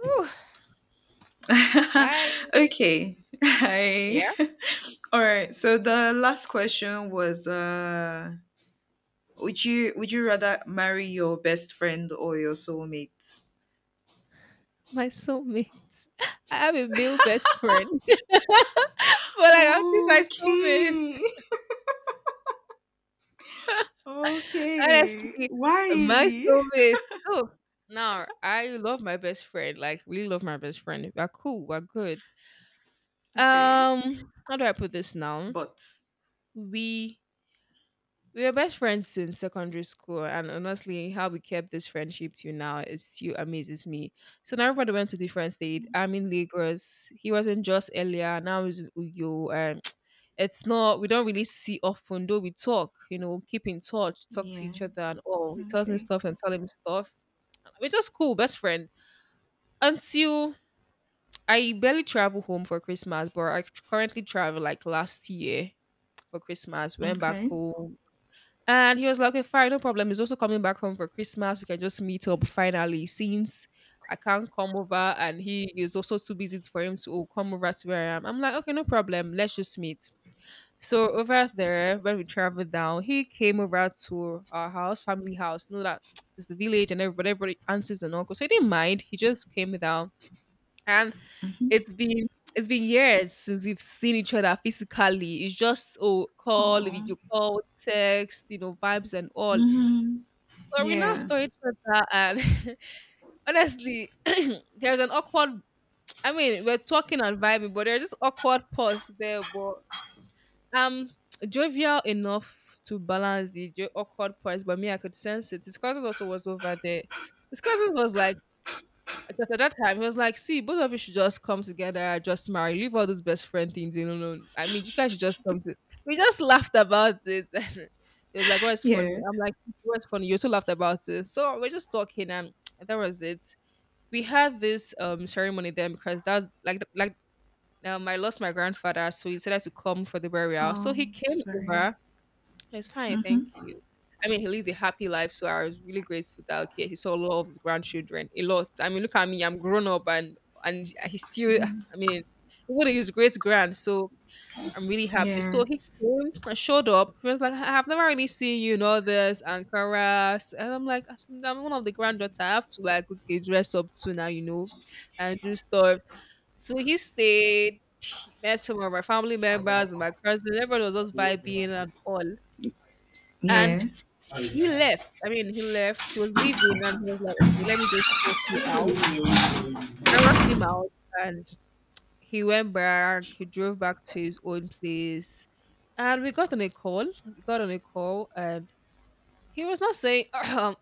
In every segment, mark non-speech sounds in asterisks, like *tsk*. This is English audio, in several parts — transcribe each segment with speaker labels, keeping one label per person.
Speaker 1: Ooh,
Speaker 2: *laughs*
Speaker 1: hi.
Speaker 2: Okay. *laughs* Hi.
Speaker 1: Yeah.
Speaker 2: *laughs* All right. So the last question was would you rather marry your best friend or your soulmate?
Speaker 1: My soulmate. *laughs* I have a male best friend. *laughs* But like I'm just my soulmate.
Speaker 2: Okay. *laughs*
Speaker 1: *laughs*
Speaker 2: Okay.
Speaker 1: Honestly, my
Speaker 2: Why?
Speaker 1: soulmate. So now I love my best friend. Like really love my best friend. We're cool. We're good.
Speaker 2: Okay.
Speaker 1: Um, how do I put this now?
Speaker 2: But
Speaker 1: We We were best friends since secondary school, and honestly, how we kept this friendship to now is still amazes me. So now everybody went to different state. I'm in Lagos. He was in Jos earlier. Now he's in Uyo, and *tsk* it's not we don't really see often. Though we talk, keep in touch, talk to
Speaker 2: yeah.
Speaker 1: each other, and oh, he tells me
Speaker 2: Okay.
Speaker 1: stuff and tell him stuff. We're just cool, best friend. Until I barely travel home for Christmas, but I currently travel like last year for Christmas. Went back
Speaker 2: Okay.
Speaker 1: home and he was like, okay, fine, no problem. He's also coming back home for Christmas. We can just meet up finally since I can't come over. And he is also too busy for him to, "Oh, come over to where I am." I'm like, okay, no problem. Let's just meet. So over there, when we traveled down, he came over to our house, family house. You know that *tsk* it's the village and everybody aunties and uncles. So he didn't mind. He just came down. And
Speaker 2: Mhm.
Speaker 1: it's been it's been years since we've seen each other physically. It's just oh call,
Speaker 2: Aw.
Speaker 1: video call, text, vibes and all.
Speaker 2: Mhm.
Speaker 1: But we now
Speaker 2: Yeah.
Speaker 1: saw each other, and *laughs* honestly, *clears throat* there's an awkward. I mean, we're talking and vibing, but there's this awkward pause there. But um, jovial enough to balance the awkward pause. But me, I could sense it. His cousin also was over there. His cousin was like because at that time, he was like, see, both of you should just come together, just marry, leave all those best friend things. I mean, you guys should just come to. We just laughed about it. *laughs* And he was like, what's funny?
Speaker 2: Yeah.
Speaker 1: I'm like, what's funny? You also laughed about it. So we're just talking, and that was it. We had this ceremony then because that's like, I lost my grandfather, so he decided to come for the burial. So he came
Speaker 2: Sorry.
Speaker 1: over it's fine, thank
Speaker 2: Mhm.
Speaker 1: you. I mean, he lived a happy life, so I was really grateful that okay, he saw a lot of his grandchildren, a lot. I mean, look at me, I'm grown up, and he still,
Speaker 2: Mhm.
Speaker 1: I mean, he would his great grand, so I'm really happy.
Speaker 2: Yeah.
Speaker 1: So he came and showed up. He was like, "I've never really seen you in all this Ankara," and I'm like, I'm one of the granddaughter. I have to like okay, dress up too now, and do stuff." So he stayed. He met some of my family members and my cousins. Everyone was just vibing and all. And
Speaker 2: Yeah.
Speaker 1: he left. I mean, he left. He was leaving, and he was like, "Okay, let me just work you out." I worked him out, and he went back. He drove back to his own place, and we got on a call. We got on a call, and he was not saying *clears throat* that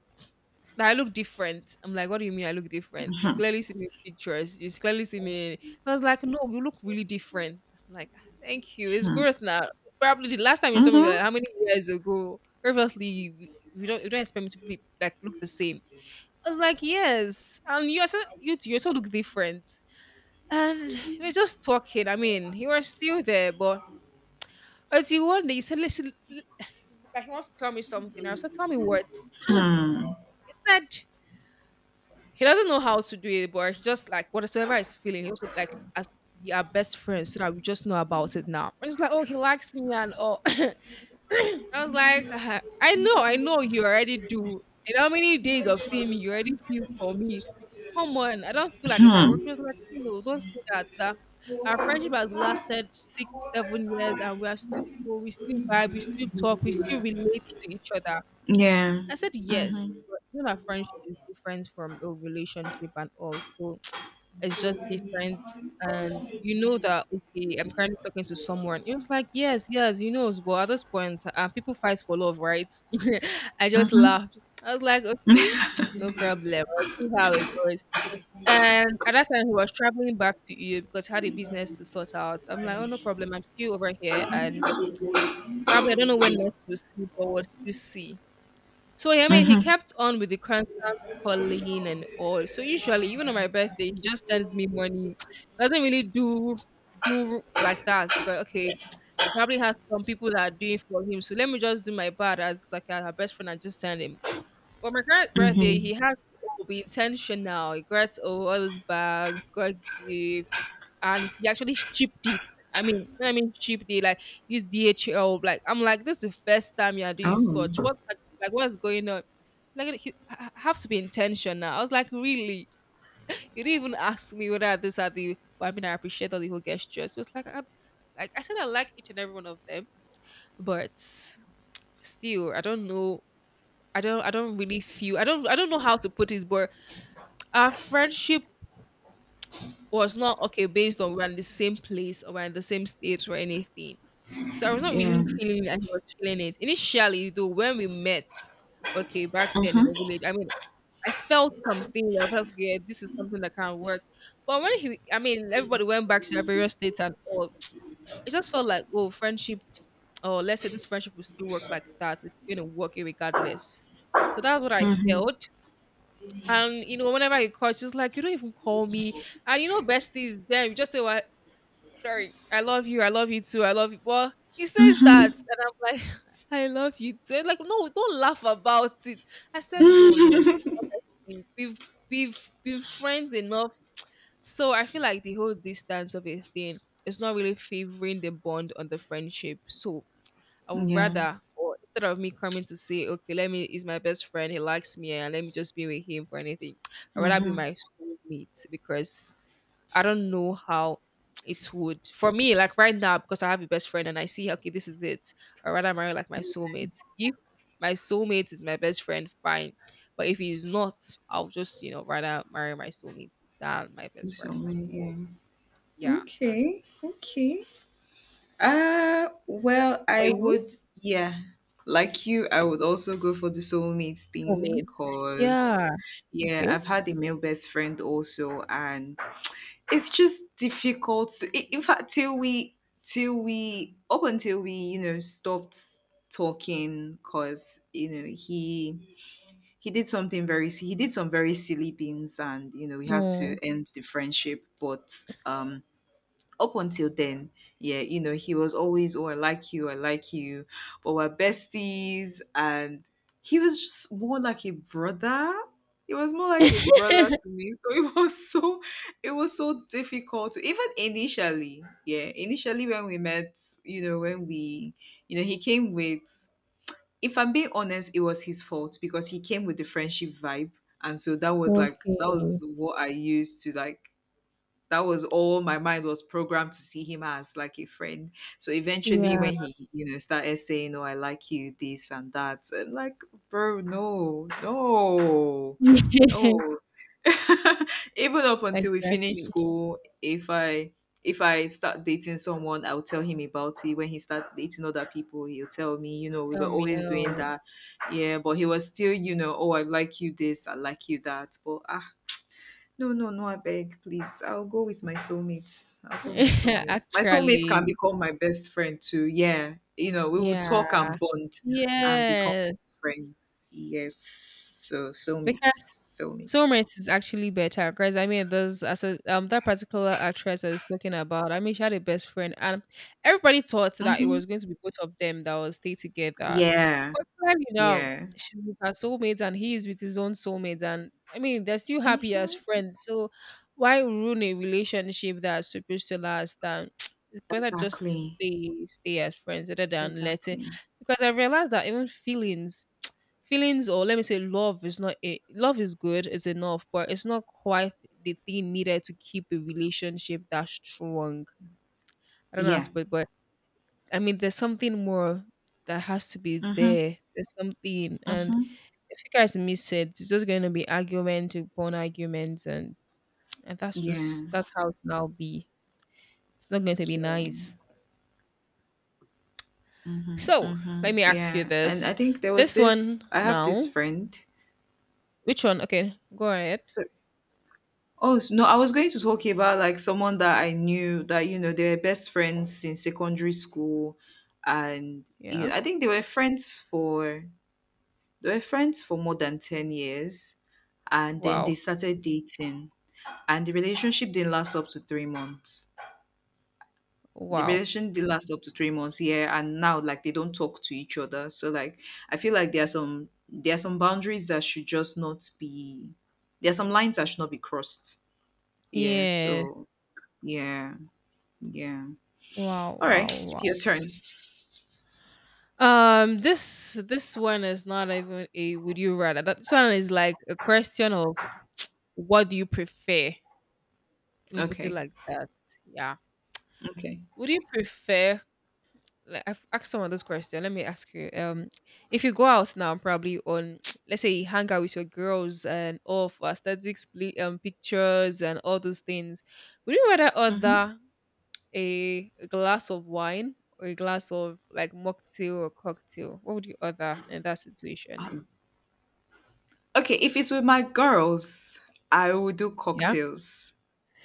Speaker 1: I look different. I'm like, "What do you mean I look different? You
Speaker 2: *laughs*
Speaker 1: clearly see me in pictures. You clearly see me I was like, "No, you look really different." I'm like, "Ah, thank you. It's growth now. Probably the last time you saw me, like,
Speaker 2: Mhm.
Speaker 1: how many years ago?" Obviously, we don't you don't expect me to be like look the same. I was like, yes. And you also look different. And we are just talking. I mean, he was still there, but until one day he said, listen, *sighs* like he wants to tell me something. I said, tell me what.
Speaker 2: Hmm.
Speaker 1: He said he doesn't know how to do it, but he just like whatsoever he's feeling, he also like as we are best friends, so that we just know about it now. I was like, oh, he likes me and all. *coughs* *clears throat* I was like, "Ah, I know you already do. And how many days of seeing me you already feel for me? Come on, I don't feel like in my
Speaker 2: Hmm.
Speaker 1: work." She was like, no, don't say that. That our friendship has lasted 6, 7 years, and we are still cool. We still vibe. We still talk. We still relate to each other.
Speaker 2: Yeah.
Speaker 1: I said yes.
Speaker 2: Mhm.
Speaker 1: But you know that friendship is different from a relationship and all. So it's just different. And you know that, okay, I'm currently talking to someone. It was like, yes, yes. But at this point, people fight for love, right? *laughs* I just
Speaker 2: Mhm.
Speaker 1: laughed. I was like, okay, no problem. I'll see how it goes. And at that time, he was traveling back to EU because he had a business to sort out. I'm like, oh, no problem. I'm still over here. And probably, I don't know when next we'll see, but we'll still see. So I mean, he
Speaker 2: Mhm.
Speaker 1: kept on with the constant calling and all. So usually, even on my birthday, he just sends me money. *tsk* Doesn't really do like that because okay, probably has some people that are doing for him. So let me just do my part as like her best friend and just send him. But my current birthday,
Speaker 2: Mhm.
Speaker 1: he has to oh, be intentional. He gets oh, all those bags, got gifts, and he actually shipped it. I mean, when I mean shipped it, like use DHL. Like I'm like, this is the first time you are doing
Speaker 2: *laughs*
Speaker 1: such.
Speaker 2: Oh.
Speaker 1: What like, what's going on? Like he I have to be intentional. I was like, really? You didn't even ask me whether this are the. Well, I mean, I appreciate all the whole gestures. Like I said, I like each and every one of them, but still, I don't know. I don't. I don't really feel. I don't. I don't know how to put this, but our friendship was not okay based on we're in the same place or we're in the same state or anything. So I was not
Speaker 2: Yeah.
Speaker 1: really feeling that he was feeling it. Initially, though, when we met, okay, back then in
Speaker 2: Mhm.
Speaker 1: the village, I mean, I felt something. I felt, yeah, this is something that can work. But when he, I mean, everybody went back to their various states and all, *tsk* it just felt like, oh, friendship, oh, let's say this friendship will still work like that. It's going to work regardless. So that's what I
Speaker 2: Mhm.
Speaker 1: held. And you know, whenever he calls, she's like, "You don't even call me." And you know, besties, then you just say, "Well, sorry, I love you. I love you too. I love you." Well, he says that,
Speaker 2: Mhm.
Speaker 1: and I'm like, *laughs* I love you too. Like, no, don't laugh about it. I said, no, no, no. Honestly, we've been friends enough. So I feel like the whole distance of a thing is not really favoring the bond on the friendship. So I
Speaker 2: *laughs*
Speaker 1: would
Speaker 2: Yeah.
Speaker 1: rather, or instead of me coming to say, okay, let me is my best friend. He likes me, and let me just be with him for anything. I'd rather be
Speaker 2: Mhm.
Speaker 1: my soulmate because I don't know how it would for me, like right now, because I have a best friend and I see okay, this is it. Or rather marry like my soulmate. If my soulmate is my best friend, fine. But if he's not, I'll just, rather marry my soulmate than my best
Speaker 2: So
Speaker 1: friend.
Speaker 2: many. Yeah.
Speaker 1: Yeah, that's it.
Speaker 2: Okay. Okay. Well,
Speaker 1: For
Speaker 2: I
Speaker 1: you,
Speaker 2: would, yeah, like you, I would also go for the soulmate thing
Speaker 1: soulmates. Yeah.
Speaker 2: because, yeah,
Speaker 1: Okay.
Speaker 2: I've had a male best friend also, and it's just difficult to, in fact, up until we, you know, stopped talking because, you know, he did something he did some very silly things and, you know, we had to
Speaker 1: Mm.
Speaker 2: end the friendship, but, um, up until then, yeah, you know, he was always, oh, I like you, but we're besties. And he was just more like a brother. He was more like a brother
Speaker 1: *laughs*
Speaker 2: to me. *laughs* So it was so difficult to, even initially, yeah, initially when we met, you know, you know, he came with, if I'm being honest, it was his fault because he came with the friendship vibe. And so that
Speaker 1: Okay.
Speaker 2: was what I used to that was all my mind was programmed to see him as like a friend. So eventually,
Speaker 1: Yeah.
Speaker 2: when he, you know, started saying, "Oh, I like you," this and that, and like, bro, no, no,
Speaker 1: *laughs*
Speaker 2: no. *laughs* Even up until we finish
Speaker 1: Exactly.
Speaker 2: school, if I start dating someone, I'll tell him about it. When he starts dating other people, he'll tell me, you know, we were
Speaker 1: Tell me.
Speaker 2: always doing
Speaker 1: Oh.
Speaker 2: that. Yeah, but he was still, you know, oh, I like you this, I like you that. But no, no, no, I beg, please. I'll go with my soulmates. I'll go with my
Speaker 1: *laughs*
Speaker 2: soulmates. My soulmate can
Speaker 1: Actually.
Speaker 2: become my best friend too. Yeah. You know, we will talk
Speaker 1: Yeah.
Speaker 2: and bond and become best
Speaker 1: Yes.
Speaker 2: friends. Yes. So
Speaker 1: Because
Speaker 2: soulmates. Soulmates.
Speaker 1: soulmates is actually better. Because I mean, those as that particular actress I was talking about, I mean, she had a best friend, and everybody thought that it
Speaker 2: Mm-hmm.
Speaker 1: was going to be both of them that will stay together.
Speaker 2: Yeah.
Speaker 1: But clearly now,
Speaker 2: Yeah.
Speaker 1: she's with her soulmate, and he is with his own soulmate, and I mean, they're still happy as
Speaker 2: Mm-hmm.
Speaker 1: friends. So why ruin a relationship that's supposed to last? And *tsk* it's better just
Speaker 2: Exactly.
Speaker 1: stay as friends rather than letting.
Speaker 2: Exactly.
Speaker 1: Because I realized that even feelings, or let me say, love is not it. Love is good, it's enough, but it's not quite the thing needed to keep a relationship that strong. I don't know how
Speaker 2: Yeah.
Speaker 1: to put it, but I mean, there's something more that has to be
Speaker 2: Mm-hmm.
Speaker 1: there. There's something, and
Speaker 2: Mm-hmm.
Speaker 1: if you guys miss it, it's just going to be argument upon arguments, and that's
Speaker 2: Yeah.
Speaker 1: just that's how it now be. It's not going to be
Speaker 2: Yeah.
Speaker 1: nice.
Speaker 2: Mm-hmm.
Speaker 1: So
Speaker 2: Mm-hmm.
Speaker 1: let me ask you
Speaker 2: Yeah. And I
Speaker 1: this:
Speaker 2: think there was
Speaker 1: this
Speaker 2: this
Speaker 1: one
Speaker 2: I have this
Speaker 1: now,
Speaker 2: friend.
Speaker 1: which one? Okay, go ahead.
Speaker 2: So Oh, no, I was going to talk about like someone that I knew that, you know, they were best friends since secondary school. And you
Speaker 1: Yeah.
Speaker 2: know, I think they were friends for more than 10 years. And then they
Speaker 1: Wow.
Speaker 2: started dating. And the relationship didn't last up to 3 months. The
Speaker 1: Wow.
Speaker 2: relation did last up to 3 months, yeah. And now like they don't talk to each other. So like I feel like there are some boundaries that should just not be there are some lines that should not be crossed. Yeah.
Speaker 1: Yes.
Speaker 2: So yeah. Yeah.
Speaker 1: Wow,
Speaker 2: All right.
Speaker 1: wow,
Speaker 2: It's your
Speaker 1: wow.
Speaker 2: turn.
Speaker 1: This one is not even a would you rather. This one is like a question of what do you prefer? Let me put it
Speaker 2: Okay.
Speaker 1: like that. Yeah.
Speaker 2: Okay.
Speaker 1: Would you prefer like I've asked someone this question. Let me ask you. If you go out now, probably on *tsk* let's say you hang out with your girls and all for aesthetics, pictures and all those things, would you rather
Speaker 2: Mm-hmm.
Speaker 1: order a glass of wine or a glass of like mocktail or cocktail? What would you order in that situation?
Speaker 2: Um, okay. If it's with my girls, I will do
Speaker 1: Yeah.
Speaker 2: cocktails.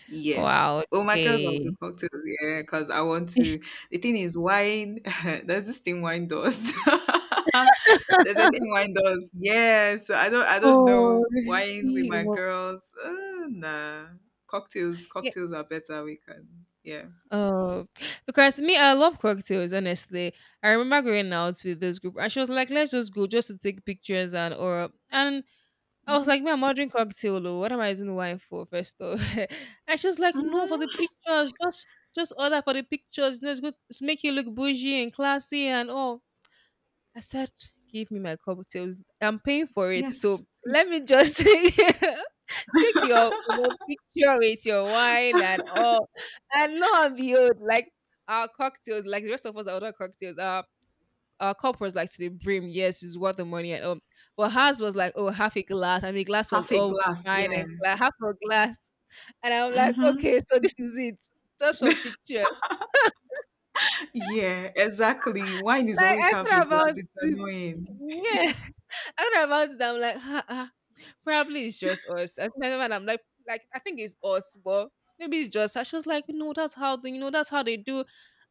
Speaker 2: Yeah.
Speaker 1: Wow.
Speaker 2: With my girls, I'll do
Speaker 1: Okay.
Speaker 2: cocktails. Yeah. Because I want to.
Speaker 1: *laughs*
Speaker 2: The thing is, wine. *laughs* There's this thing wine does. *laughs* There's a thing wine does. Yeah. So I don't. I don't
Speaker 1: Oh,
Speaker 2: know wine with
Speaker 1: he
Speaker 2: my
Speaker 1: wa-
Speaker 2: girls. Nah. Cocktails.
Speaker 1: yeah.
Speaker 2: Cocktails are better. We can. Yeah.
Speaker 1: Oh, because me, I love cocktails. Honestly, I remember going out with this group, and she was like, "Let's just go, just to take pictures and or and I was
Speaker 2: Mm-hmm.
Speaker 1: like, "Me, I'm ordering cocktail. Oh, what am I using wine for? First off," *laughs* and she was like, "No, for the
Speaker 2: Mm-hmm.
Speaker 1: pictures. Just order for the pictures. You know, it's good. It's make you look bougie and classy and all." I said, "Give me my cocktails. I'm paying for it. So
Speaker 2: Yes. Please.
Speaker 1: let me just *laughs* take take your, you know, picture with your wine and all." And lo and behold, like our cocktails, like the rest of us, that order cocktails. Our cup was like to the brim. Yes, it's worth the money. And but hers was like, oh, half a glass. I mean, glass was
Speaker 2: Half a
Speaker 1: all
Speaker 2: glass.
Speaker 1: fine
Speaker 2: Yeah.
Speaker 1: and half a glass. And I'm like,
Speaker 2: Mhm.
Speaker 1: okay, so this is it. Just for pictures.
Speaker 2: Yeah, exactly. Wine is
Speaker 1: Like
Speaker 2: always
Speaker 1: I
Speaker 2: half a
Speaker 1: thought about
Speaker 2: glass. It's
Speaker 1: it.
Speaker 2: annoying.
Speaker 1: Yeah, *laughs* I thought about it. I'm like, probably it's just us. I think and I'm like I think it's us, but maybe it's just her. She was like, no, that's how they, you know, that's how they do.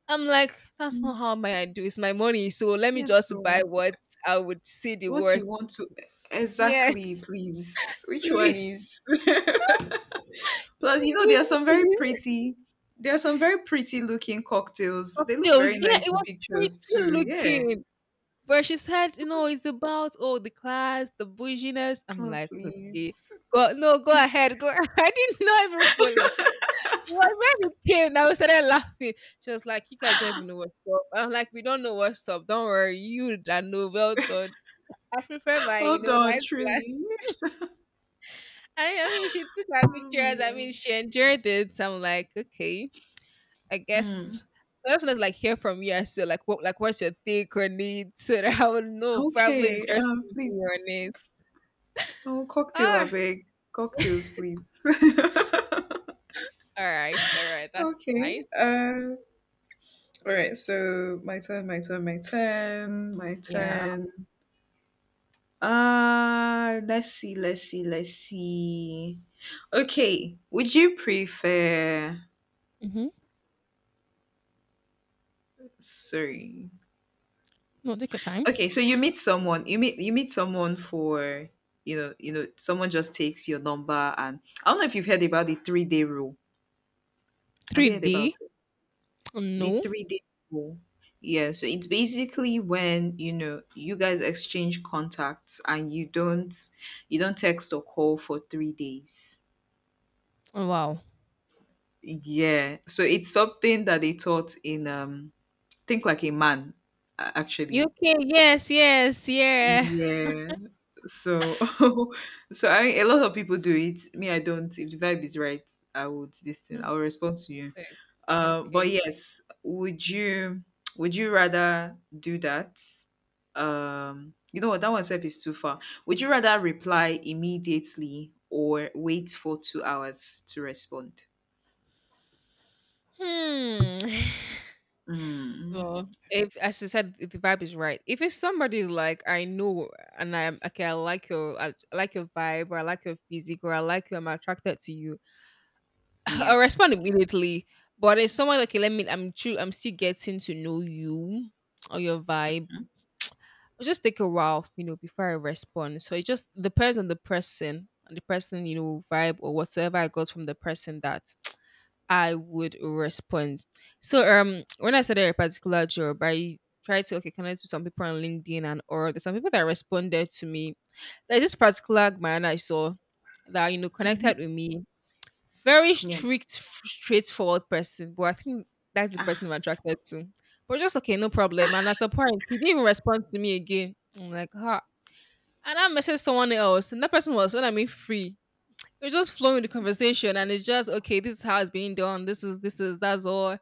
Speaker 1: I'm like, that's not how my I do. It's my money. So let me
Speaker 2: Yeah,
Speaker 1: just buy
Speaker 2: so
Speaker 1: what I would see the
Speaker 2: what
Speaker 1: worth.
Speaker 2: you want to
Speaker 1: Yeah,
Speaker 2: exactly, please.
Speaker 1: *laughs*
Speaker 2: Which one
Speaker 1: please.
Speaker 2: is? *laughs* Plus, you know,
Speaker 1: Baby, she used
Speaker 2: There are some very pretty looking cocktails. They look very
Speaker 1: cocktails. Yeah,
Speaker 2: nice
Speaker 1: it
Speaker 2: in
Speaker 1: was
Speaker 2: pictures
Speaker 1: pretty
Speaker 2: too. Yeah.
Speaker 1: looking. But she said, you know, it's about all the class, the bouginess. I'm
Speaker 2: Oh
Speaker 1: like, okay,
Speaker 2: please.
Speaker 1: go no, go ahead, go. *laughs* I did not even follow. It was when it came, I started laughing. She was like, you guys don't even know what's up. I'm like, we don't know what's up. Don't worry, you that know. Well done. I prefer my, you
Speaker 2: Hold
Speaker 1: know,
Speaker 2: on,
Speaker 1: nice glass.
Speaker 2: truly.
Speaker 1: *laughs* I mean, she took my
Speaker 2: Oh my
Speaker 1: pictures. I
Speaker 2: god.
Speaker 1: mean, she enjoyed it. I'm like, okay. I
Speaker 2: Mm.
Speaker 1: guess so that's when it's like hear from you as to like what's your take on it, *laughs* so that I would know probably it's
Speaker 2: Okay.
Speaker 1: just thinking on
Speaker 2: Please.
Speaker 1: it.
Speaker 2: Oh, cocktail, I
Speaker 1: Ah,
Speaker 2: beg. Cocktails, please. *laughs*
Speaker 1: all right, that's
Speaker 2: Okay.
Speaker 1: nice.
Speaker 2: All right. So my turn. My turn. My turn. My
Speaker 1: Yeah.
Speaker 2: turn. Let's see. Let's see. Let's see. Okay. Would you prefer?
Speaker 1: Mm-hmm.
Speaker 2: Sorry.
Speaker 1: No, take your time.
Speaker 2: Okay. So you meet someone. You meet someone for you know someone just takes your number and I don't know if you've heard about the 3 day rule. Have you heard about
Speaker 1: 3D.
Speaker 2: the
Speaker 1: No.
Speaker 2: 3 day rule? Yeah, so it's basically when you know you guys exchange contacts and you don't text or call for 3 days.
Speaker 1: Oh, wow.
Speaker 2: Yeah, so it's something that they taught in think like a man actually.
Speaker 1: UK. Yes. Yes. Yeah.
Speaker 2: Yeah, so *laughs* so I a lot of people do it. Me, I don't. If the vibe is right, I would listen.
Speaker 1: Hmm,
Speaker 2: I'll respond to you.
Speaker 1: thanks.
Speaker 2: But
Speaker 1: Okay.
Speaker 2: yes, would you rather do that? You know what? That one self is too far. Would you rather reply immediately or wait for 2 hours to respond?
Speaker 1: Hmm. *sighs*
Speaker 2: Mm,
Speaker 1: Well, if as I said, if the vibe is right. If it's somebody like I know and I'm okay, I like your vibe or I like your physique or I like you, I'm attracted to you, *laughs*
Speaker 2: yeah.
Speaker 1: I'll respond immediately. But it's someone okay, let me I'm still getting to know you or your vibe. It'll just take a while, you know, before I respond. So it just depends on the person and the person, you know, vibe or whatsoever I got from the person that I would respond. So *tsk* when I started a particular job, I tried to okay connect with some people on LinkedIn and or there's some people that responded to me. There's this particular man I saw that you know
Speaker 2: Hmm.
Speaker 1: connected with me. Very
Speaker 2: Yeah.
Speaker 1: strict, straightforward person, but I think that's the person
Speaker 2: Ah,
Speaker 1: I'm attracted to. But just okay, no problem. And at some point, he didn't even respond to me again. I'm like, huh. And I messaged someone else, and that person was when I mean free. We're just flowing with the conversation, and it's just okay. This is how it's being done. This is that's all.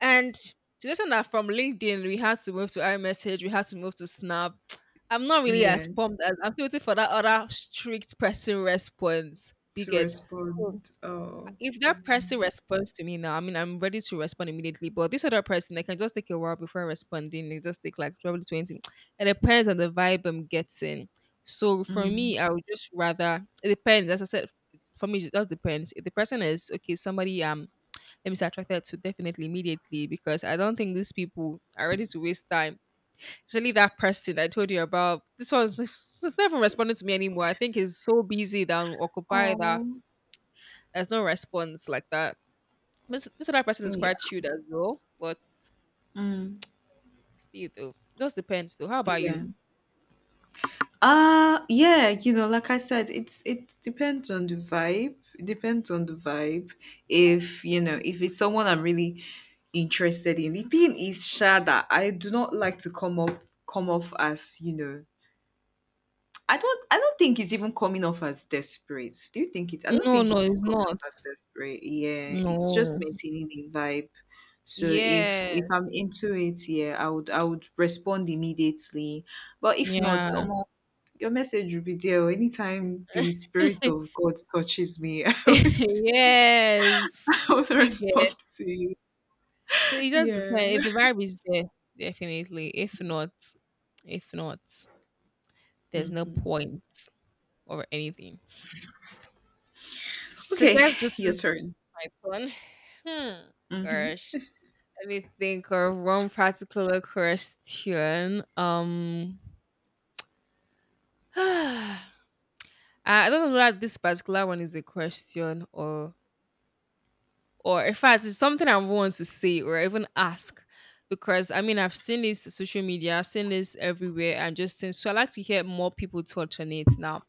Speaker 1: And to listen that from LinkedIn, we had to move to iMessage. We had to move to Snap. *tsk* I'm not really
Speaker 2: yeah.
Speaker 1: as pumped as I'm still waiting for that other strict person response. You
Speaker 2: To
Speaker 1: get so
Speaker 2: respond. Oh.
Speaker 1: if that person responds to me now, I mean, I'm ready to respond immediately. But this other person, they can just take a while before responding. They just take like probably 20. It depends on the vibe I'm getting. So for
Speaker 2: Mm.
Speaker 1: me, I would just rather, it depends. As I said, for me, it just depends. If the person is, okay, somebody, let me say attracted to definitely immediately because I don't think these people are ready to waste time. Especially that person I told you about, this one's *laughs* was never responding to me anymore. I think he's so busy that I'm occupied that
Speaker 2: Oh.
Speaker 1: there's no response like that. This other person is
Speaker 2: Yeah.
Speaker 1: quite chilled as well, but
Speaker 2: Mm.
Speaker 1: still though. Just depends though. How about
Speaker 2: Yeah.
Speaker 1: you?
Speaker 2: Yeah, you know, like I said, it depends on the vibe. It depends on the vibe. If you know, if it's someone I'm really interested in. The thing is, Sha, that I do not like to come off as, you know, I don't think it's even coming off as desperate. Do you think it I don't
Speaker 1: No,
Speaker 2: think
Speaker 1: no,
Speaker 2: it is
Speaker 1: it's
Speaker 2: coming off
Speaker 1: not.
Speaker 2: as desperate. Yeah. It's just
Speaker 1: No.
Speaker 2: maintaining the vibe. So if
Speaker 1: Yes.
Speaker 2: if I'm into it, yeah, I would respond immediately. But if not,
Speaker 1: Yeah.
Speaker 2: your message will be there. Oh, anytime the Spirit of
Speaker 1: *laughs*
Speaker 2: God touches me, *laughs* I would,
Speaker 1: yes.
Speaker 2: I would
Speaker 1: You get
Speaker 2: respond to you.
Speaker 1: so it just
Speaker 2: Yeah.
Speaker 1: depends. If the vibe is there, definitely. If not, if not, there's no
Speaker 2: Hmm.
Speaker 1: point or anything. So
Speaker 2: Okay,
Speaker 1: guess this
Speaker 2: your
Speaker 1: is
Speaker 2: turn.
Speaker 1: my turn. Hmm.
Speaker 2: Hmm.
Speaker 1: Gosh. Let me think of one particular question. *sighs* Uh, I don't know whether this particular one is a question or in fact it's something I want to say or even ask because I mean I've seen this social media, I've seen this everywhere and just since so I like to hear more people touch on it now.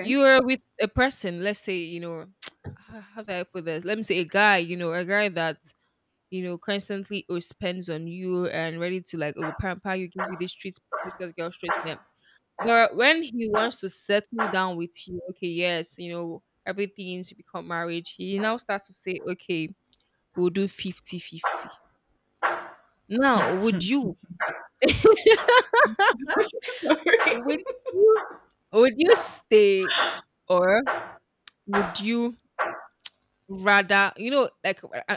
Speaker 1: You are with a person, let's say, you know, *sighs* *tsk* how do I put this? Let me say a guy, you know, a guy that you know constantly oh, spends on you and ready to like oh pamper you, give you this treat, this girl straight. But when he wants to settle down with you, okay, yes, you know, everything to become marriage, he now starts to say, okay, we'll do 50/50. Now, would you, *laughs*
Speaker 2: *laughs* Sorry.
Speaker 1: would you, would you stay or would you rather, you know,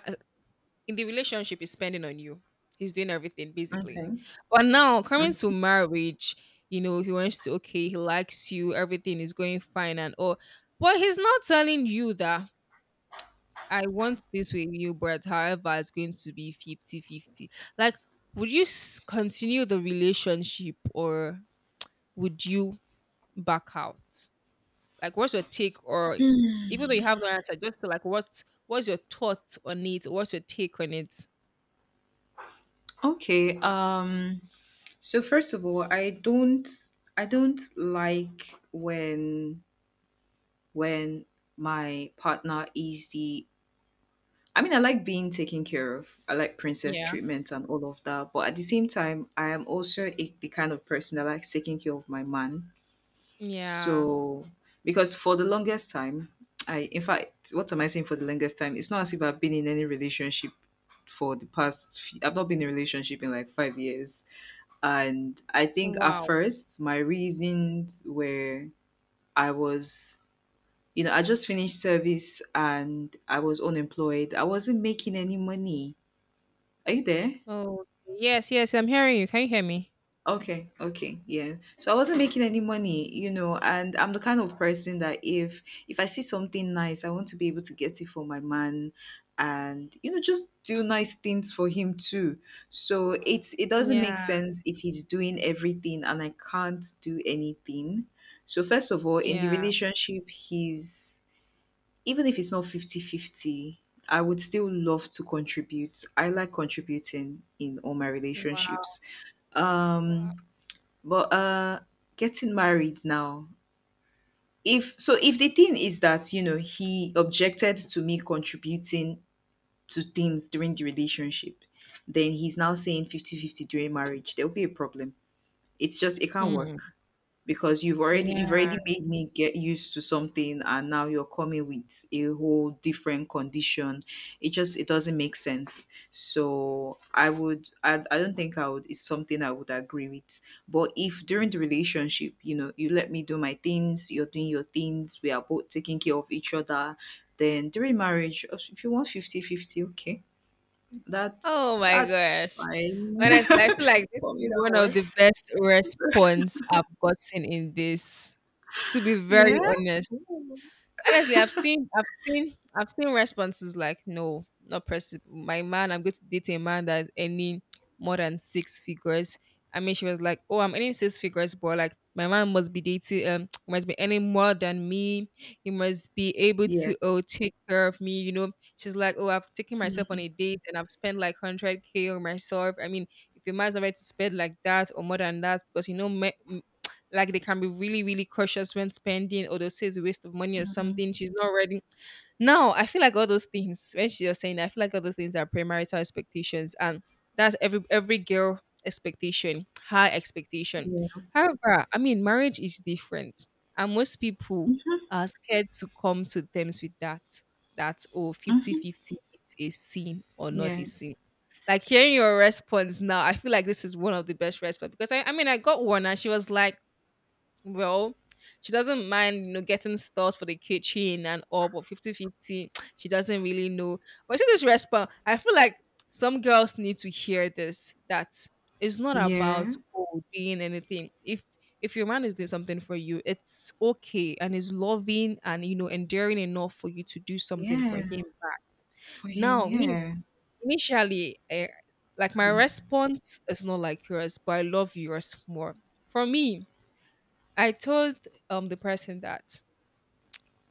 Speaker 1: in the relationship, is spending on you, he's doing everything basically.
Speaker 2: Okay.
Speaker 1: But now, coming to
Speaker 2: Mm.
Speaker 1: marriage, you know, he wants to, okay, he likes you, everything is going fine and all. But he's not telling you that I want this with you, but however, it's going to be 50-50. Like, would you continue the relationship or would you back out? Like, what's your take? Or
Speaker 2: Mm.
Speaker 1: even though you have no answer, just like, what's your thought on it? What's your take on it?
Speaker 2: Okay. So first of all, I don't like when my partner is the I mean, I like being taken care of. I like princess
Speaker 1: Yeah.
Speaker 2: treatment and all of that. But at the same time, I am also the kind of person that likes taking care of my man.
Speaker 1: Yeah.
Speaker 2: So, because for the longest time, in fact, what am I saying for the longest time? It's not as if I've been in any relationship for the past, few, I've not been in a relationship in like 5 years. And I think at
Speaker 1: Wow.
Speaker 2: first, my reasons were I was, you know, I just finished service and I was unemployed. I wasn't making any money. Are you there?
Speaker 1: Oh, yes, yes. I'm hearing you. Can you hear me?
Speaker 2: Okay, okay, yeah. So I wasn't making any money, you know, and I'm the kind of person that if I see something nice, I want to be able to get it for my man and, you know, just do nice things for him too. So it doesn't make
Speaker 1: Yeah.
Speaker 2: sense if he's doing everything and I can't do anything. So first of all, in the
Speaker 1: Yeah.
Speaker 2: relationship, he's even if it's not 50/50, I would still love to contribute. I like contributing in all my
Speaker 1: Wow.
Speaker 2: relationships,
Speaker 1: Wow.
Speaker 2: um but getting married now, if the thing is that, you know, he objected to me contributing to things during the relationship, then he's now saying 50/50 during marriage, there will be a problem. It's just it can't
Speaker 1: Hmm.
Speaker 2: work because you've already you've
Speaker 1: Yeah.
Speaker 2: already made me get used to something, and now you're coming with a whole different condition. It just it doesn't make sense. So I would, I don't think I would, it's something I would agree with. But if during the relationship, you know, you let me do my things, you're doing your things, we are both taking care of each other, then during marriage, oh, if you want 50/50, okay,
Speaker 1: Oh
Speaker 2: that's
Speaker 1: my
Speaker 2: that's
Speaker 1: gosh.
Speaker 2: fine
Speaker 1: Honestly, I feel like
Speaker 2: *laughs*
Speaker 1: this
Speaker 2: for me.
Speaker 1: is
Speaker 2: That
Speaker 1: one of the
Speaker 2: works.
Speaker 1: best response I've gotten in this. To be very
Speaker 2: Yeah?
Speaker 1: honest.
Speaker 2: Ooh.
Speaker 1: Honestly, I've seen responses like, "No, not possible. My man, I'm going to date a man that's earning more than six figures." I mean, she was like, "Oh, I'm earning six figures, but like my man must be dating, *tsk* must be earning more than me. He must be able
Speaker 2: Yeah.
Speaker 1: to oh take care of me." You know, she's like, "Oh, I've taken myself on
Speaker 2: Mm,
Speaker 1: a date and I've spent like 100K on myself. I mean, if your man's not ready to spend like that or more than that, because you know, men, like they can be really, really cautious when spending, or they'll say it's a waste of money or
Speaker 2: mhm.
Speaker 1: something. She's not ready. Now, I feel like all those things, when she was saying that, I feel like all those things are premarital expectations. And that's every girl expectation, high expectation.
Speaker 2: Yeah.
Speaker 1: However, I mean, marriage is different. And most people
Speaker 2: Mhm,
Speaker 1: are scared to come to terms with that. That, oh, 50
Speaker 2: mhm.
Speaker 1: 50 is a sin or not a
Speaker 2: Yeah.
Speaker 1: sin. Like hearing your response now, I feel like this is one of the best response because I mean, I got one and she was like, well, she doesn't mind, you know, getting stores for the kitchen and all, but 50-50, *tsk* she doesn't really know. But see this response, I feel like some girls need to hear this that it's not about
Speaker 2: Yeah.
Speaker 1: oh, doing anything. If your man is doing something for you, it's okay and is loving and you know enduring enough for you to do something for
Speaker 2: Yeah.
Speaker 1: him.
Speaker 2: For him,
Speaker 1: Now, me
Speaker 2: yeah.
Speaker 1: initially, eh, like my response is not like yours, but I love yours more. For me, I told the person that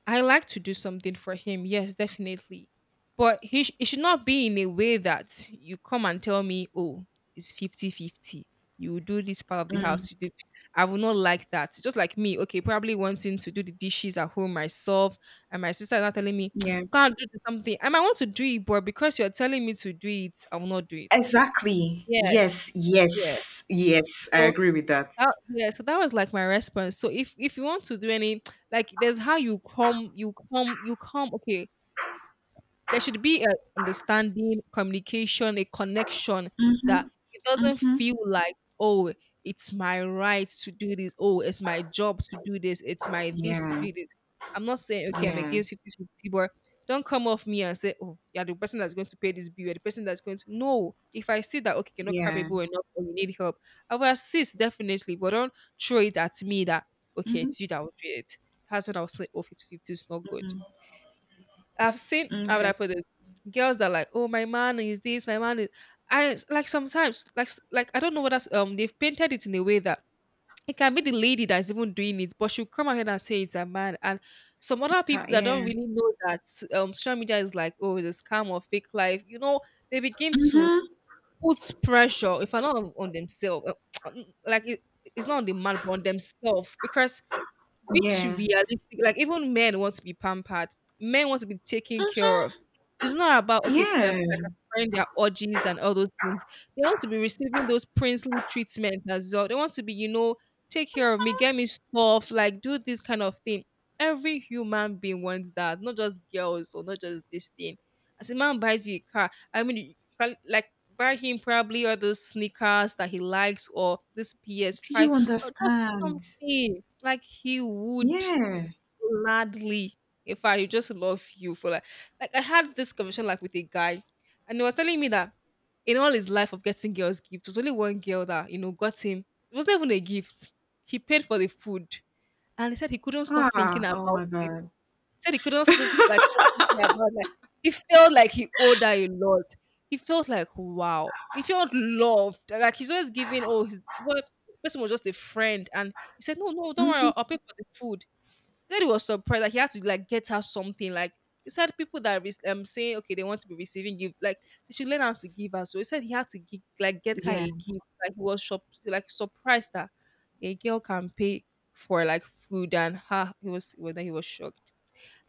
Speaker 1: I like to do something for him. Yes, definitely. But it should not be in a way that you come and tell me, "Oh, it's 50-50. You will do this part of the
Speaker 2: Mm,
Speaker 1: house. You do." I will not like that. Just like me, okay, probably wanting to do the dishes at home myself, and my sister is not telling me,
Speaker 2: yeah.
Speaker 1: *tsk* can't do something. I might want to do it, but because you're telling me to do it, I will not do it.
Speaker 2: Exactly. Yes,
Speaker 1: Yes. Yes.
Speaker 2: yes, yes. I
Speaker 1: So
Speaker 2: agree with that.
Speaker 1: that, yeah, so that was like my response. So if you want to do any like there's how you come, okay, there should be a understanding, communication, a connection
Speaker 2: Mm-hmm.
Speaker 1: that it doesn't
Speaker 2: Mm-hmm.
Speaker 1: feel like, "Oh, it's my right to do this. Oh, it's my job to do this. It's my this to
Speaker 2: Yeah.
Speaker 1: do this." I'm not saying, okay, I'm
Speaker 2: Yeah.
Speaker 1: against 50 50, 50, but don't come off me and say, "Oh, you're the person that's going to pay this bill, you're the person that's going to." No, if I see that, okay, you're not
Speaker 2: Yeah.
Speaker 1: capable enough or you need help, I will assist definitely, but don't throw it at me that, okay,
Speaker 2: Mm-hmm.
Speaker 1: it's you that will do it. That's when I'll say, "Oh, 50 50 is not good."
Speaker 2: Mm-hmm.
Speaker 1: I've seen how would I
Speaker 2: Okay.
Speaker 1: put this? Girls that are like, "Oh, my man is this, my man is" I like sometimes like I don't know what they've painted it in a way that it can be the lady that's even doing it, but she'll come ahead and say it's a man. And some other
Speaker 2: So,
Speaker 1: people that don't
Speaker 2: yeah.
Speaker 1: really know that social media is like, "Oh, it's a scam or fake life," you know, they begin to
Speaker 2: Mm-hmm.
Speaker 1: put pressure if I'm not on themselves, *tsk* like it, it's not on the man but on themselves because which
Speaker 2: Yeah.
Speaker 1: realistic, like even men want to be pampered. Men want to be taken care of.
Speaker 2: Mm-hmm.
Speaker 1: It's not about okay,
Speaker 2: Yeah.
Speaker 1: like acquiring their orgies and all those things. They want to be receiving those princely treatment as well. They want to be, you know, take care of me, get me stuff, like do this kind of thing. Every human being wants that, not just girls or not just this thing. As a man buys you a car, I mean, you can like buy him probably all those sneakers that he likes or this
Speaker 2: Do
Speaker 1: PS5
Speaker 2: you
Speaker 1: or just
Speaker 2: understand?
Speaker 1: something. Like he would
Speaker 2: Yeah.
Speaker 1: gladly. In fact, he just love you for like I had this conversation like with a guy, and he was telling me that in all his life of getting girls gifts, there was only one girl that you know got him. It wasn't even a gift. He paid for the food, and he said he couldn't stop thinking
Speaker 2: Ah, oh
Speaker 1: about
Speaker 2: my
Speaker 1: it.
Speaker 2: God.
Speaker 1: He said he couldn't stop thinking about like he felt like he owed her a lot. He felt like wow. He felt loved. Like he's always giving. Oh, his, well, this person was just a friend, and he said, "No, no, don't worry.
Speaker 2: Mm-hmm.
Speaker 1: I'll pay for the food." He said he was surprised that he had to like get her something. Like he said, people that saying okay they want to be receiving gifts, like they should learn how to give as so. He said he had to like get her
Speaker 2: Yeah.
Speaker 1: a gift. Like he was like surprised that a girl can pay for like food and her. He was well, then he was shocked.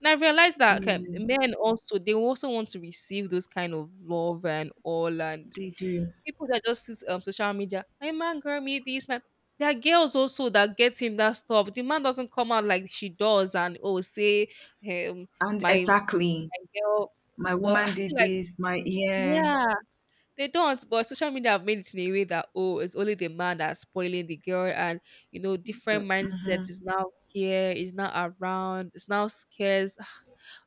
Speaker 1: And I realized that
Speaker 2: Yeah,
Speaker 1: okay, men also they also want to receive those kind of love and all. And
Speaker 2: they do.
Speaker 1: people that just sees social media, my man girl, me this, my there are girls also that get him that stuff. The man doesn't come out like she does and oh say um
Speaker 2: And
Speaker 1: my,
Speaker 2: exactly,
Speaker 1: my girl.
Speaker 2: my
Speaker 1: But I
Speaker 2: woman did
Speaker 1: feel like
Speaker 2: this, my yeah,
Speaker 1: yeah, they don't, but social media have made it in a way that, oh, it's only the man that's spoiling the girl, and you know, different
Speaker 2: but mm-hmm.
Speaker 1: mindset is now here, is now around, it's now scarce. *sighs*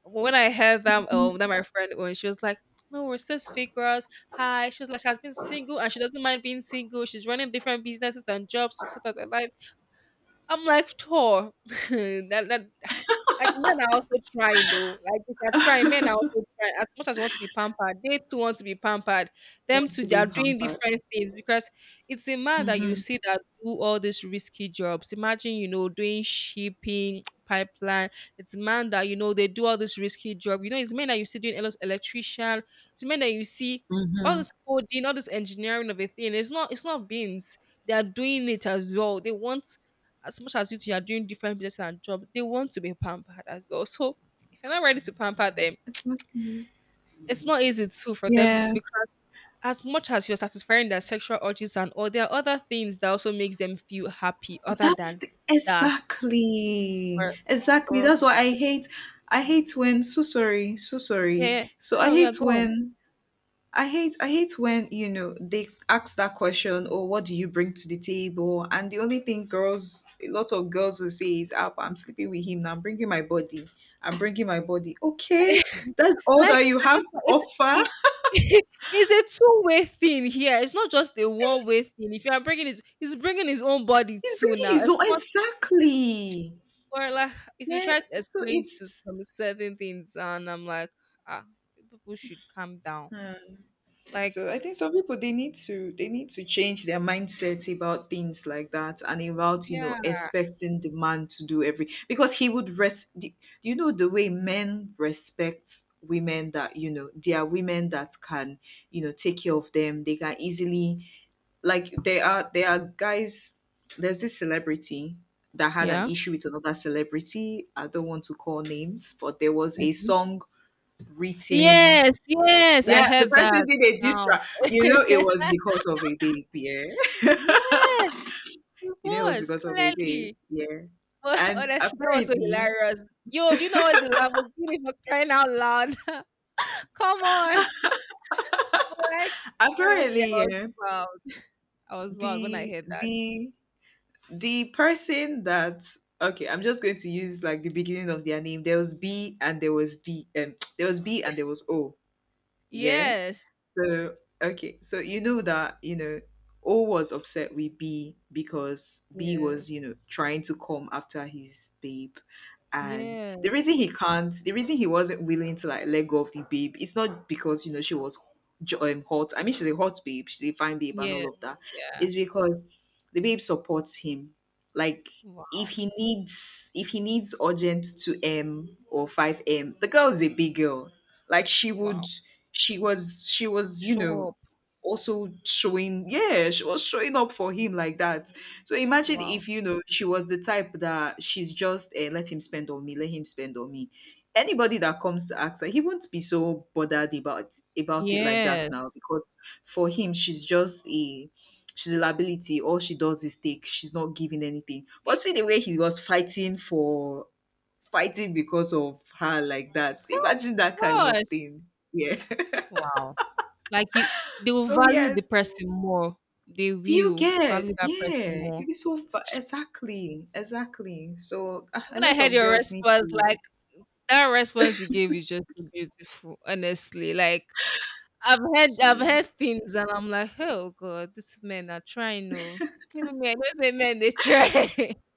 Speaker 1: When I heard that, that my friend when she was like, "No, we're cis figures." Hi, she was like, she has been single and she doesn't mind being single. She's running different businesses and jobs to sort out her life. I'm like, "Tor, *laughs* that, that like men are also trying though. Like if they're trying, men are also trying. As much as they want to be pampered, they too want to be pampered. Them
Speaker 2: Want
Speaker 1: too,
Speaker 2: to
Speaker 1: they
Speaker 2: be
Speaker 1: are doing
Speaker 2: pampered.
Speaker 1: different things because it's a man that you
Speaker 2: Mm-hmm.
Speaker 1: see that do all these risky jobs. Imagine, you know, doing shipping, *tsk* pipeline. It's man that you know they do all this risky job. You know, it's men that you see doing electrician. It's men that you see all
Speaker 2: Mm-hmm.
Speaker 1: this coding, all this engineering of a thing. It's not beans. They are doing it as well. They want as much as you two are doing different business and jobs, they want to be pampered as well. So if you're not ready to pamper them,
Speaker 2: It's not new.
Speaker 1: it's not easy too for them to
Speaker 2: Yeah,
Speaker 1: because as much as you're satisfying their sexual urges and all there are other things that also makes them feel happy other than that
Speaker 2: exactly,
Speaker 1: or,
Speaker 2: exactly.
Speaker 1: or
Speaker 2: That's why I hate. I hate when, so sorry, so
Speaker 1: yeah,
Speaker 2: sorry.
Speaker 1: yeah."
Speaker 2: So
Speaker 1: No, no, yeah, go on.
Speaker 2: I hate when, you know, they ask that question or what do you bring to the table? And the only thing girls a lot of girls will say is up, I'm sleeping with him now, I'm bringing my body. I'm bringing my body. Okay,
Speaker 1: *laughs*
Speaker 2: that's all
Speaker 1: Like
Speaker 2: that you
Speaker 1: at
Speaker 2: have
Speaker 1: this
Speaker 2: to
Speaker 1: point it's,
Speaker 2: offer.
Speaker 1: it, *laughs* it's a two-way thing here, it's not just a one-way thing. If you are bringing his he's bringing his own body
Speaker 2: He's
Speaker 1: too
Speaker 2: bringing
Speaker 1: now.
Speaker 2: his
Speaker 1: It's
Speaker 2: own
Speaker 1: not. It's.
Speaker 2: exactly.
Speaker 1: Or like if you
Speaker 2: Yeah,
Speaker 1: try to
Speaker 2: so
Speaker 1: explain to
Speaker 2: it's
Speaker 1: some certain things and I'm like, "Ah, people should calm down."
Speaker 2: hmm.
Speaker 1: Like
Speaker 2: So I think some people they need to change their mindset about things like that and about, you
Speaker 1: yeah.
Speaker 2: know, expecting the man to do every because he would you know, the way men respect women, that you know, they are women that can, you know, take care of them, they can easily like there are guys. There's this celebrity that had an
Speaker 1: Yeah.
Speaker 2: issue with another celebrity. I don't want to call names, but there was a
Speaker 1: Okay. *laughs*
Speaker 2: song written,
Speaker 1: Yes, yes, I
Speaker 2: yeah, the
Speaker 1: heard
Speaker 2: person
Speaker 1: that.
Speaker 2: did a diss
Speaker 1: Down.
Speaker 2: track. You know, it
Speaker 1: *laughs*
Speaker 2: was because of a babe. Yeah. *laughs*
Speaker 1: Yes, it
Speaker 2: You know, it was
Speaker 1: was
Speaker 2: because of a babe.
Speaker 1: clearly.
Speaker 2: Yeah.
Speaker 1: But *laughs*
Speaker 2: And
Speaker 1: honestly, that was so hilarious. Yo, do you know what's the Lamborghini for crying out loud? *laughs* Come on. But like honestly, I was
Speaker 2: yeah,
Speaker 1: wild. I was wild when I
Speaker 2: the
Speaker 1: heard that.
Speaker 2: the the person that, okay, I'm just going to use like the beginning of their name. There was B and there was D. *tsk* There was B and there was O. Yeah.
Speaker 1: Yes.
Speaker 2: So, okay. So, you know that, you know, O was upset with B because B was, you
Speaker 1: Yes.
Speaker 2: know, trying to come after his babe. And
Speaker 1: Yes.
Speaker 2: the reason he wasn't willing to like let go of the babe, it's not because, you know, she was hot. I mean, she's a hot babe, she's a fine babe, and all
Speaker 1: Yes,
Speaker 2: of that.
Speaker 1: yeah.
Speaker 2: It's because the babe supports him. Like, if
Speaker 1: Wow,
Speaker 2: he needs urgent 2m or 5m, the girl is a big girl, like
Speaker 1: wow.
Speaker 2: she was, you know,
Speaker 1: Shop.
Speaker 2: also showing, yeah, she was showing up for him like that. So imagine
Speaker 1: Wow.
Speaker 2: if, you know, she was the type that she's just let him spend on me, let him spend on me. Anybody that comes to ask her, he won't be so bothered about it like that now
Speaker 1: Yes.
Speaker 2: because for him she's a liability. All she does is take. She's not giving anything. But see the
Speaker 1: They-
Speaker 2: way he was fighting because of her like that. Imagine that kind of
Speaker 1: Gosh.
Speaker 2: thing. Yeah.
Speaker 1: Wow. Like you they will
Speaker 2: So
Speaker 1: value
Speaker 2: yeah,
Speaker 1: the
Speaker 2: so
Speaker 1: person more. They
Speaker 2: do you
Speaker 1: will
Speaker 2: get?
Speaker 1: value that person
Speaker 2: Yeah,
Speaker 1: more.
Speaker 2: it's so exactly, exactly. So
Speaker 1: Like,
Speaker 2: a
Speaker 1: when
Speaker 2: lot
Speaker 1: I heard
Speaker 2: of
Speaker 1: your
Speaker 2: girls need
Speaker 1: response,
Speaker 2: to
Speaker 1: like that response you gave is just so beautiful, honestly. Like I've
Speaker 2: cue.
Speaker 1: heard things and I'm like, "Oh god, these men are trying oh." Even me, I don't say men they try.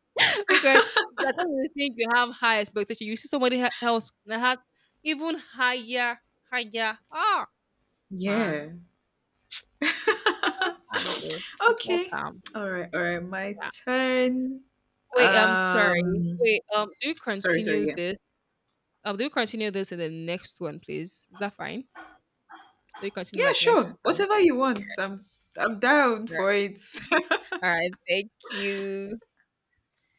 Speaker 1: *laughs* Because like when you think you have high expectation, you see somebody else that has even higher, higher. Ah man.
Speaker 2: Yeah.
Speaker 1: It's all
Speaker 2: *laughs*
Speaker 1: calm, bro. It's all
Speaker 2: Okay.
Speaker 1: calm.
Speaker 2: All right. All right. My
Speaker 1: Yeah.
Speaker 2: turn.
Speaker 1: Wait, I'm sorry.
Speaker 2: Um.
Speaker 1: Wait, do you
Speaker 2: Sorry. Sorry.
Speaker 1: continue
Speaker 2: Yeah.
Speaker 1: this? Do you continue this in the next one, please? Is that fine? Do you continue
Speaker 2: Yeah.
Speaker 1: like next
Speaker 2: Sure.
Speaker 1: time?
Speaker 2: Whatever you want. I'm down
Speaker 1: All right.
Speaker 2: for it. *laughs*
Speaker 1: All right. Thank you.